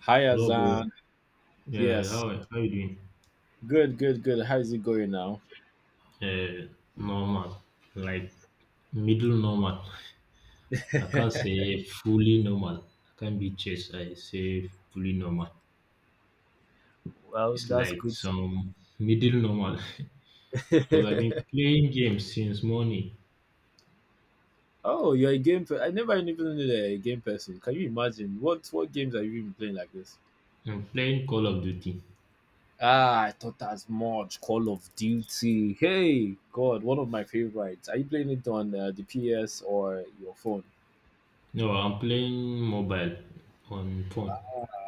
Hi, Hello, bro. Azan. Yeah, Yes. how you doing? Good, good, good. How is it going now? Normal, like middle normal. I can't say fully normal. I can't be chase. I say fully normal. Well, It's that's like good. some middle normal because I've been playing games since morning. Oh, you're a I never even knew that you're a game person. Can you imagine? What games have you been playing like this? I'm playing Call of Duty. Ah, I thought as much. Call of Duty. Hey, God, one of my favorites. Are you playing it on the PS or your phone? No, I'm playing mobile on phone.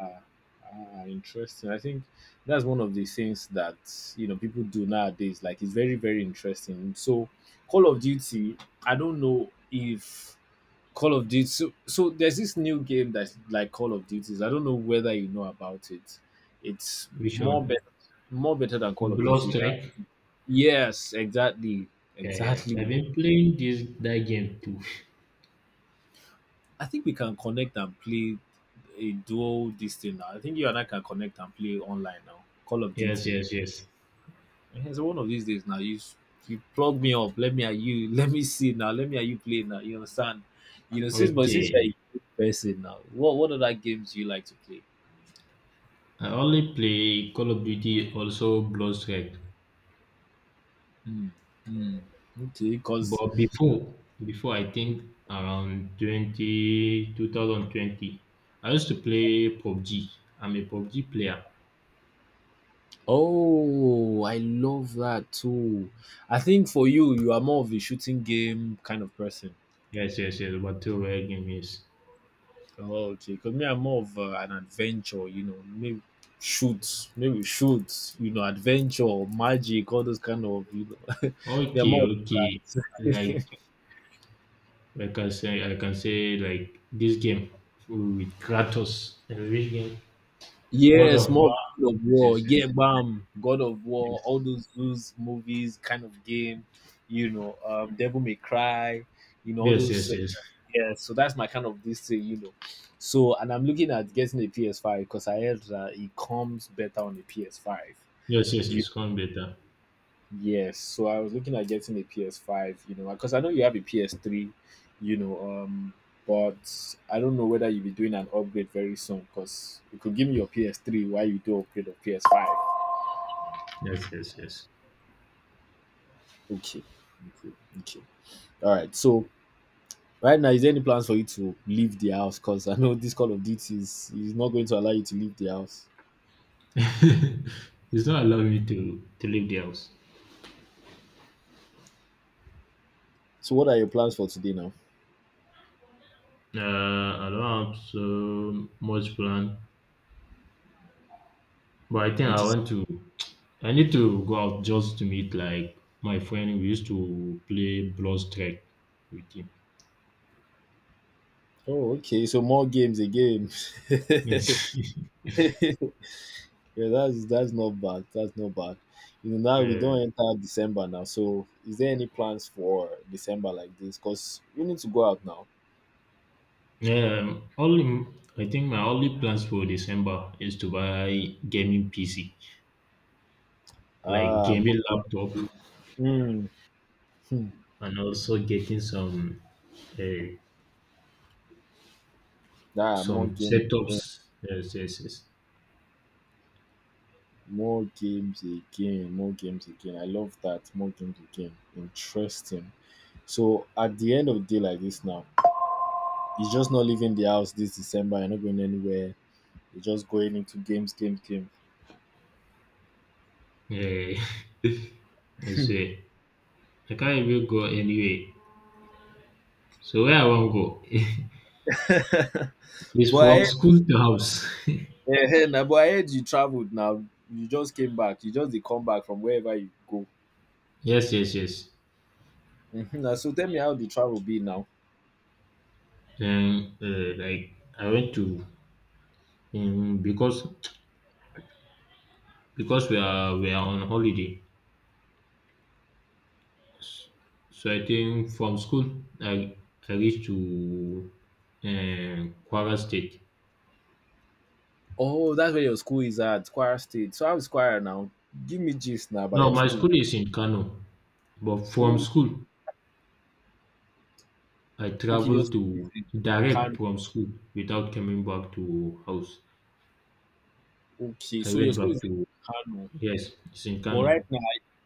Ah, ah, interesting. I think that's one of the things that people do nowadays. Like it's very, very interesting. So Call of Duty, I don't know if Call of Duty so there's this new game that's like Call of Duties. I don't know whether you know about it. It's Which more one? better more better than Call of Blood Duty. Uh, Strike. yes, exactly. Yeah, yeah. Exactly. I've been playing this that game too. I think we can connect and play a dual this thing now. I think you and I can connect and play online now. Call of Yes, Duty. yes, yes. Ehen, so one of these days now, you plug me up. Let me at you. Let me see now. Let me at you play now. You understand? Since you're a Okay. good person now, what other games do you like to play? I only play Call of Duty, also Bloodstrike. Hmm. Hmm. Okay, cause But before I think around 20 2020, I used to play PUBG. I'm a PUBG player. oh, I love that too. I think for you, you are more of a shooting game kind of person. Yes, yes, yes, battle royale game, yes. Oh, okay, because me, I'm more of an adventure. Maybe shoot, maybe shoot. Adventure, magic, all those kind of. They are Okay, more. okay. Like, like I say, I can say like this game with Kratos. And which game? God Yes, of War. more God of War, Yes, yeah, yes, bam, God of War, all those movies kind of game, Devil May Cry, all yes, those. yes, yes, yes, yes, Yeah, so that's my kind of this thing. So, and I'm looking at getting a PS5 because I heard that it comes better on a PS5. yes, yes, yes. Come better. Yes, so I was looking at getting a PS5, because I know you have a PS3, you know, um, but I don't know whether you'll be doing an upgrade very soon because you could give me your PS3 while you do upgrade of PS5. Yes, yes, yes. Okay, okay, okay. All right, so right now, is there any plans for you to leave the house? Because I know this Call of Duty is not going to allow you to leave the house. It's not allowing me to leave the house. So, what are your plans for today now? I don't have so much plan, but I think I'm I just. want to. I need to go out just to meet like my friend. We used to play Blood Strike with him. Oh, okay, so more games again. Yes. Yeah, that's not bad. That's not bad. Now we Yeah. don't enter December now. So, is there any plans for December like this? Cause you need to go out now. Yeah. Only I think my only plans for December is to buy gaming PC, like Ah, gaming laptop, mm, hmm. Hmm. and also getting uh, More some games, again. setups. Yes, yes, yes. More games again, more games again. I love that. More games again. Interesting. So, at the end of the day like this now, you're just not leaving the house this December. You're not going anywhere. You're just going into games, games, games. Yeah, I say I can't even go anywhere. So where I wan go is But from I school to house. Ehen na but I heard you traveled now. You just came back. You just dey come back from wherever you go. Yes, yes, yes. Mhm na so tell me how the travel be now. Then, like I went to, um, because because we are on holiday. So I think from school I I reached to, Kwara State. Oh, that's where your school is at, Kwara State. So how is Kwara now? Give me gist now about No, your my school. school is in Kano, but from Oh, school I okay, your traveled school is to in Kano. direct from school without coming back to house. Okay, I so your went school is back in to. Kano. Yes, it's in But Kano. right now,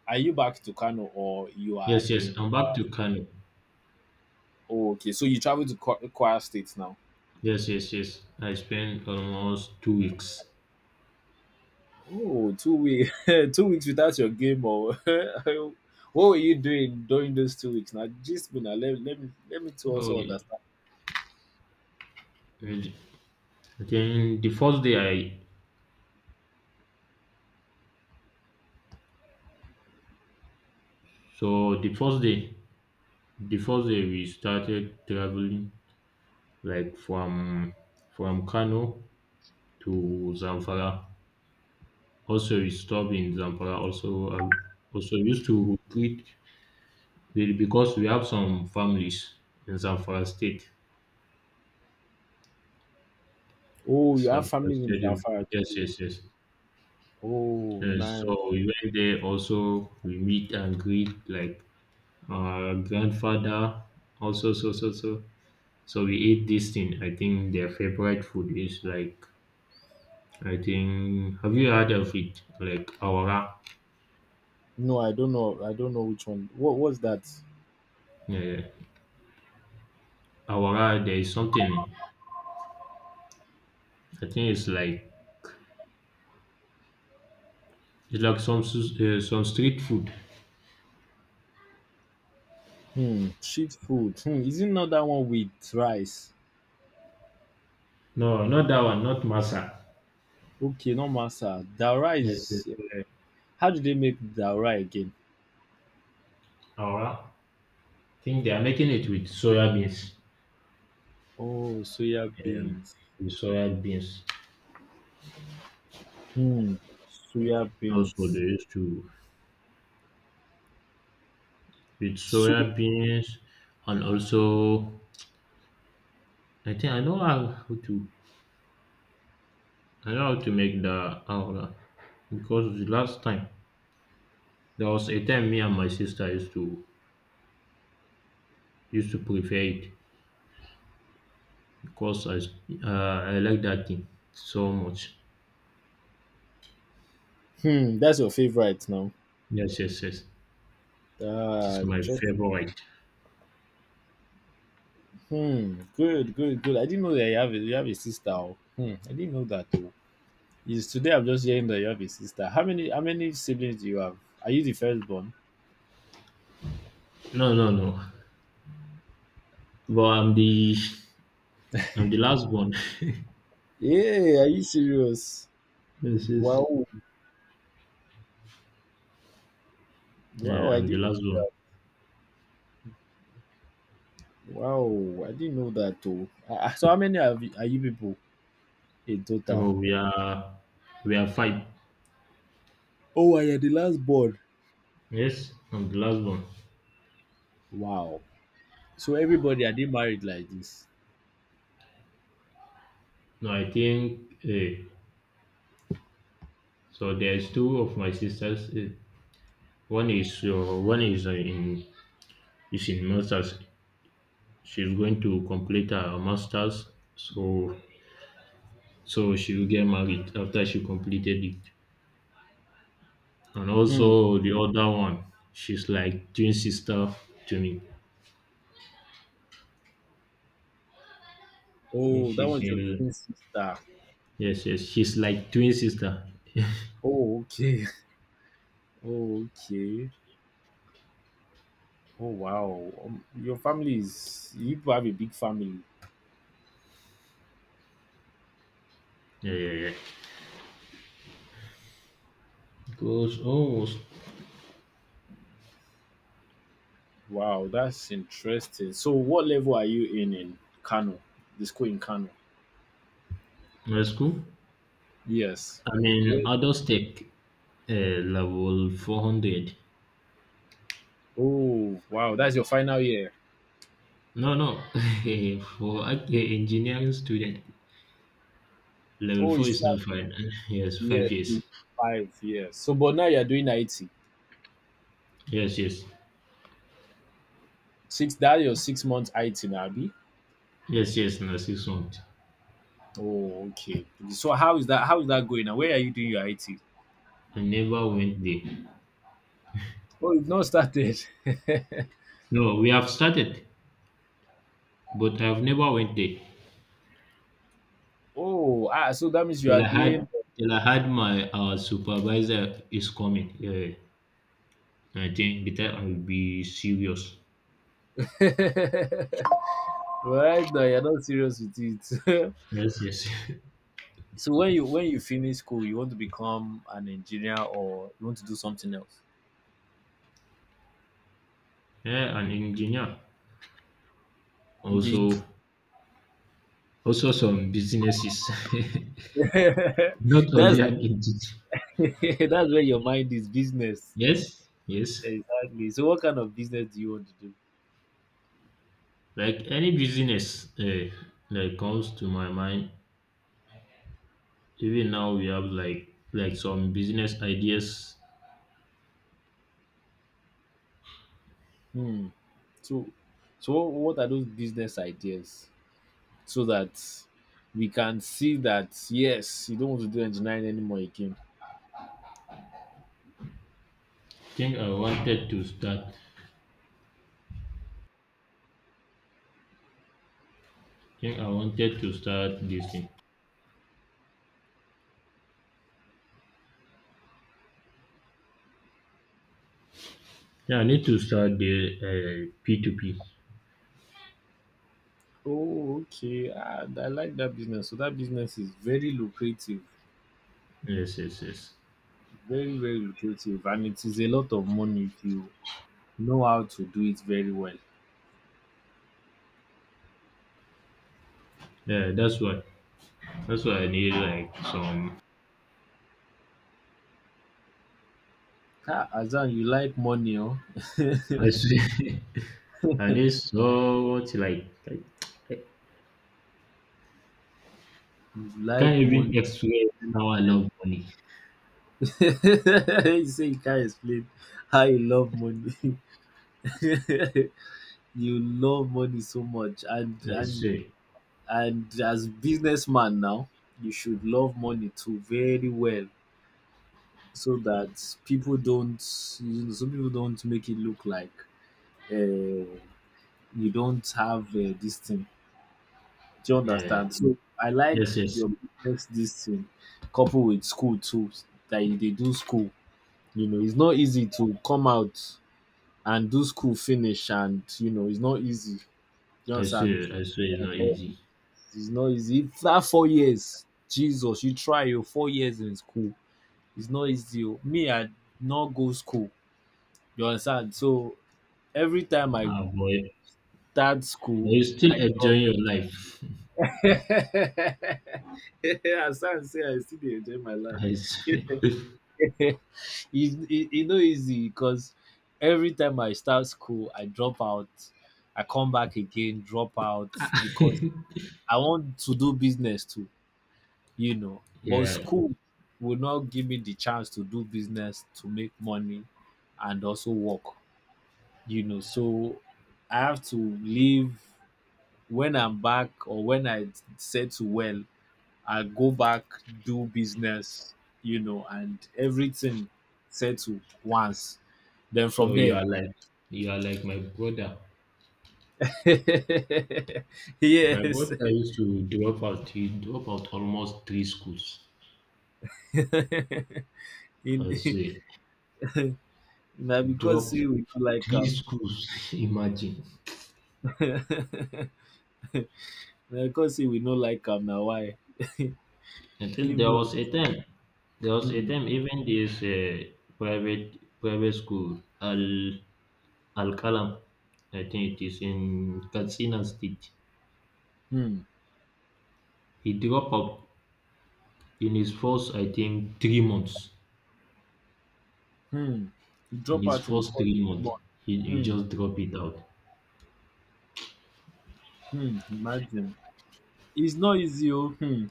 are you back to Kano or you are Yes, yes, in. I'm back to Kano. Oh, okay, so you travel to Kwara State now. Yes, yes, yes. I spent almost 2 weeks. Oh, 2 weeks, 2 weeks without your game, or what were you doing during those 2 weeks? Now, just me now. Let me to Oh, also yeah. understand. And then the first day I so the first day the first day we started traveling, like, from Kano to Zamfara. Also, we stopped in Zamfara. Also, used to treat because we have some families in Zamfara state. Oh, you have Zamfara family members state. that Yes, too. yes, yes. Oh, Uh, nice. so we went there also. We meet and greet like our grandfather. Also, so. So we ate this thing. I think their favorite food is, like, I think. Have you heard of it? Like awara. No, I don't know. I don't know which one. What was that? Yeah, awara. There is something. I think it's like some some street food. Hmm, sheep food. Hmm, is it not that one with rice? No, not that one. Not masa. Okay, no masa. The Yes, yes. rice. How do they make the rice again? Awara. I think they are making it with soya beans. Oh, soya Um, beans. with soya beans. Hmm, soya Also, they beans. used to with So, soya beans, and also I think I know how to make the awra because the last time there was a time me and my sister used to prepare it because I like that thing so much. hmm, that's your favorite now. Yes, yes, yes. It Ah, is my check. favorite. Hmm. Good, good, good. I didn't know that you have a sister. Oh. Hmm. I didn't know that, though. Is today I'm just hearing that you have a sister. How many siblings do you have? Are you the firstborn? No, no, no. But I'm the last one. Yeah. Are you serious? Yes, yes. Wow. Wow. Yeah, I I'm the didn't. last one. Wow. I didn't know that, though. Ah, so how many have you, are you people in total? Oh, we are five. Oh, I am the last born. Yes, I'm the last one. Wow. So everybody, are they married like this? No, I think, so. There's two of my sisters. One is in is in masters. She's going to complete her masters, so she will get married after she completed it. And Hmm. also the other one, she's like twin sister to me. Oh, that She's was your in, twin sister. yes, yes. She's like twin sister. Oh, okay. Okay. Oh wow, your family is you people have a big family. Yeah, yeah, yeah. Because almost Wow, that's interesting. So, what level are you in Kano? The school in Kano. my school. Yes. I mean, Wait. adult tech, level 400. Oh wow, that's your final year. No, no. For an engineering student, level Oh, you four is still not fine. Yes, have year 5 years. three, 5 years. So, but now you're doing IT. Yes, yes. Six. That your 6 months IT, now, Abi. Yes, yes, no, 6 months. Oh, okay. So, how is that? How is that going? Now, where are you doing your IT? I never went there. Oh, you've not started. No, we have started, but I've never went there. Oh, so that means you Till are I had doing. till I had my, supervisor is coming. Yeah. I think the time I will be serious. Right now, you're not serious with it. Yes, yes. So when you finish school, you want to become an engineer or you want to do something else. Yeah, an engineer. Okay, Also, some businesses. Not that's only an engineer. that's where your mind is business. Yes, yes. Exactly. So what kind of business do you want to do? Like any business, that comes to my mind, even now we have like some business ideas. Hmm. So so what are those business ideas so that we can see that yes, you don't want to do engineering anymore again. Think I wanted to start. Think I wanted to start this thing. Yeah, I need to start the, P2P. Oh, okay. And I like that business. So that business is very lucrative. Yes, yes, yes. Very, very lucrative and it is a lot of money if you know how to do it very well. Yeah, that's why. That's why I need like some. Ah, Hassan, you like money, oh? You I see. I need so much, like I like can't even money. explain how I Well. love money. You say you can't explain how you love money. You love money so much, and I and swear. and as businessman now, you should love money too very well, so that people don't, so people don't make it look like uh, you don't have this thing. Do you Yeah. understand? So I like Yes, yes. your business this thing, coupled with school too. That you they do school. You know, it's not easy to come out and do school finish, and it's not easy. You I understand? swear. I swear it's not Yes, easy. it's not easy. If that 4 years, Jesus, you try your 4 years in school. It's not easy. Oh. Me, I not go school. You understand? So every time I Ah, boy, start but school, you still I enjoying your life. yeah, as I say, I still dey enjoy my life. I it's, see. it, it no easy because every time I start school, I drop out. I come back again, drop out because I want to do business too. But Yeah. school will not give me the chance to do business, to make money, and also work. So I have to leave when I'm back or when I settle well I go back, do business, and everything settle once. Then from So you there. are like you are like my brother. My Yes. brother used to drop out. He drop out almost three schools. In. I see. Na because Drop say we no like three am. schools. Imagine. Na because say we no like am na why. I If think there not, was a time. There was a hmm, time even this, private school Al Kalam. I think it is in Katsina State. hmm, He dropped out in his first, I think, 3 months, hmm, you in drop his out in first four three three months, months. he Hmm, just dropped it out. hmm, imagine. It's not easy, oh, hmm.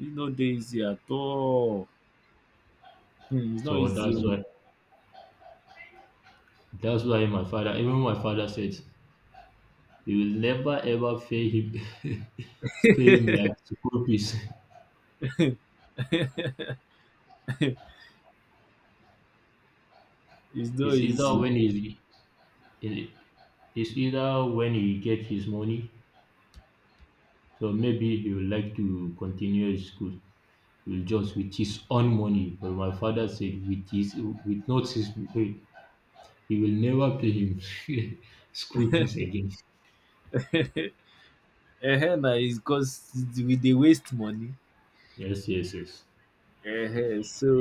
It's not dey easy at all. Hmm, it's not So easy. that's Oh. why that's why my father, even my father said, you will never ever fail him, fail him like school fees. It's not It's either easy. when he's it's either when he gets his money, so maybe he would like to continue his school. He will just with his own money. But my father said with his with not his he will never pay him school fees again. Na it's cause we dey waste money. Yes, yes, yes. So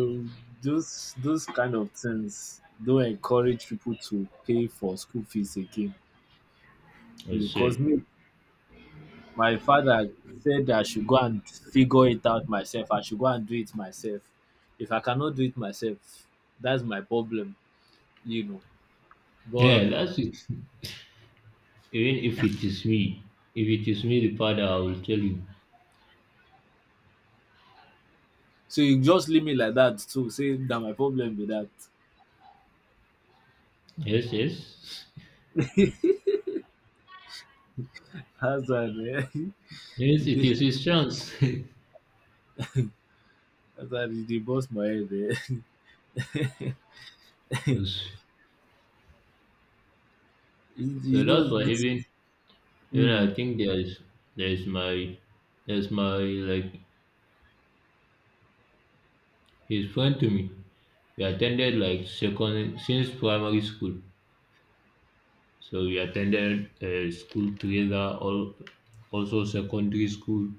those kind of things don't encourage people to pay for school fees again. I Because say. me, my father said I should go and figure it out myself. I should go and do it myself. If I cannot do it myself, that's my problem, you know. But Yeah, that's it. Even if it is me, the father, I will tell you. so you just leave me like that too. Say that my problem be that. Yes, yes. Hazard, eh? He Yes, it dey- is his chance. Hazard is the boss my head, eh? Yes. You So know that's why this. even Hmm, I think there's my there's my, like, his friend to me. We attended like second since primary school. So we attended, school together. All also secondary school.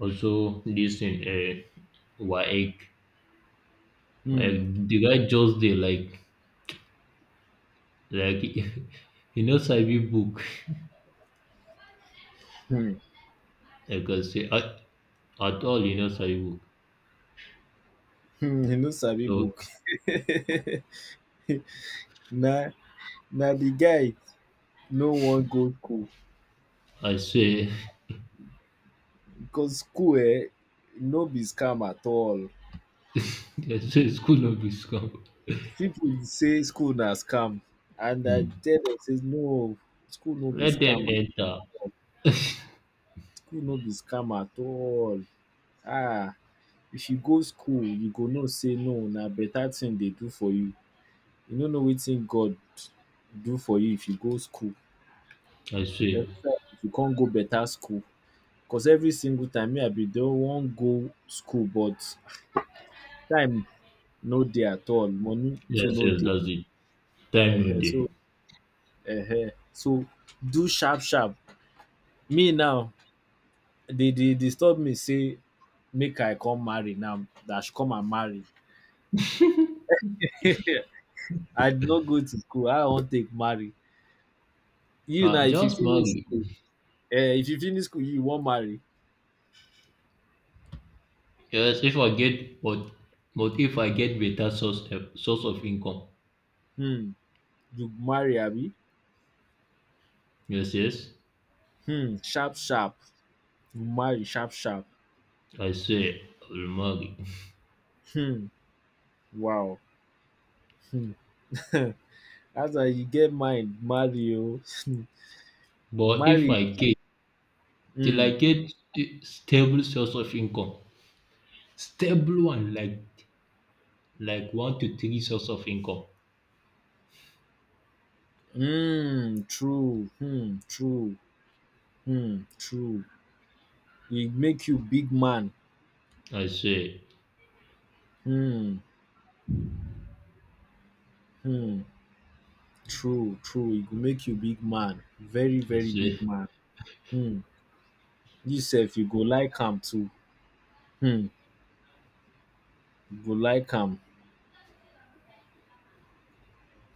Also this, in WAEC. hmm, Like the guy just dey, like he no sabi book. hmm, Like, I can say at all he no sabi book. hmm. You know Sabi So book. na na the guy no wan go school I say, because school eh no be scam at all. I say school no be scam. People dey say school na scam, and I Hmm. tell them say no, school no be Let them scam. enter. School no be scam at all. Ah. If you go school you go know say no na better thing dey do for you no know wetin God do for you if you go school. I say, Except if you can't go better school because every single time me I bin don wan go school but time no dey at all money too yes, no yes, dey. that's it. Time no um dey. so um so do sharp sharp me now they dey disturb me say make I come marry now that I should come and marry. I no go to school how I wan take marry. You now Ah, if you just finish marry. school eh? If you finish school you wan marry. Yes, if I get but if I get better source, source of income. Hmm. You marry abi. Yes, yes, Hmm. Sharp sharp you marry sharp sharp. I say I will marry. Hmm. Wow. Hmm. Dat one you get mind marry oo. um But Marry. if I get till Hmm. I get a stable source of income. Stable one, like one to three source of income. Hmm. True. Hmm. True. Hmm. True. It make you big man. I see, Hmm. Hmm. True true. It go make you big man very I very see. big man. Hmm. You sef you go like am too. Hmm. Go like am.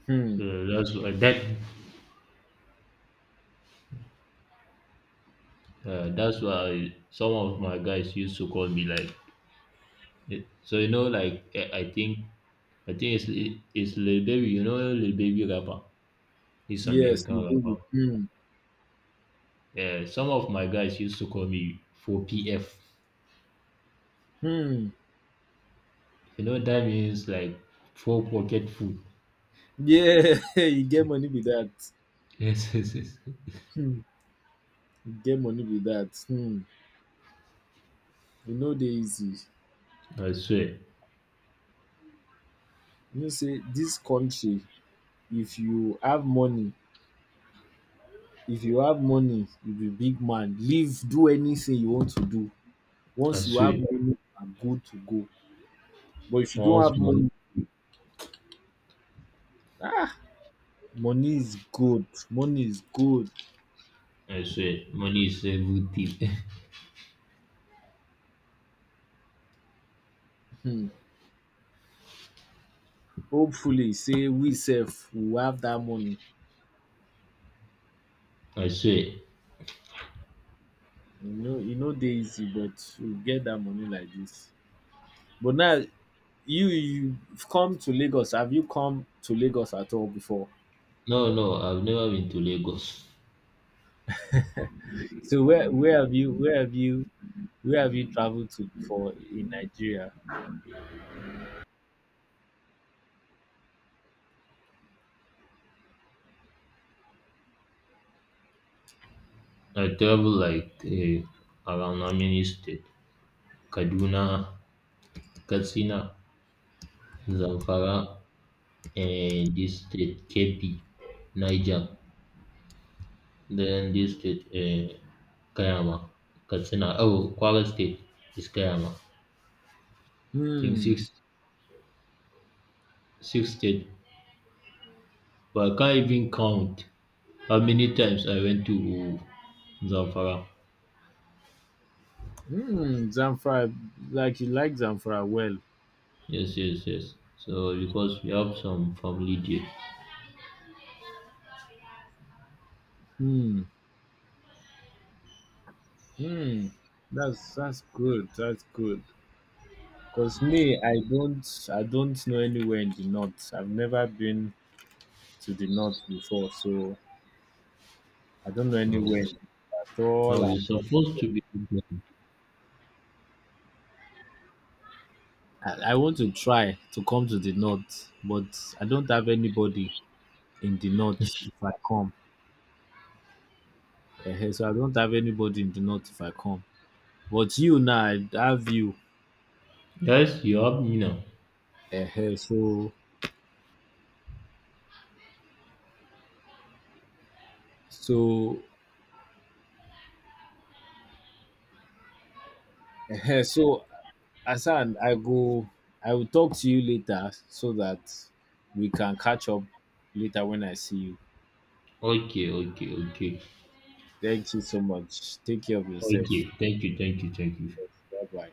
Um. So that's why some of my guys used to call me, like, so you know, like, I think it's Lil Baby, you know, Lil Baby rapper, he's Yes, American you do. rapper. Yeah, some of my guys used to call me 4PF. Um. You know that means like four pocket food. Yeah, you get money with that. Yes, yes, yes. Um. You get money with that. E no dey easy. I swear. You know sey dis country if you have money, if you have money you be big man. Live do anything you want to do. I Once you have swear, money na good to go. But if you don't once have money. money, ah, money is good. Money is good. I swear, money is everything. Um. Hopefully say we sef we have that money. I swear. You know, e no dey easy, but you get that money like this. But now you come to Lagos. Have you come to Lagos at all before? No, no, I've never been to Lagos. So where have you traveled to before in Nigeria? I travel, like, around Amini State, Kaduna, Katsina, Zamfara, and this state, KP, Niger. Then this state, Kayama, Katsina. Oh, Kwara State is Kayama. I think Hmm, six, six state. But I can't even count how many times I went to Zamfara. hmm, Zamfara. Like you like Zamfara well. Yes, yes, yes. So because we have some family there. Hmm, hmm. That's good. That's good. Cause me, I don't know anywhere in the north. I've never been to the north before, so I don't know No, anywhere you at all, no, you're at all. supposed to be with them. I want to try to come to the north, but I don't have anybody in the north if I come. Eh, so I don't have anybody in the north if I come. But you now, I have you. Yes, you have me now. Eh, so so Asan, I go. I will talk to you later so that we can catch up later when I see you. Okay, okay, okay, okay. Thank you so much. Take care of Thank yourself. you, thank you, thank you. Bye bye.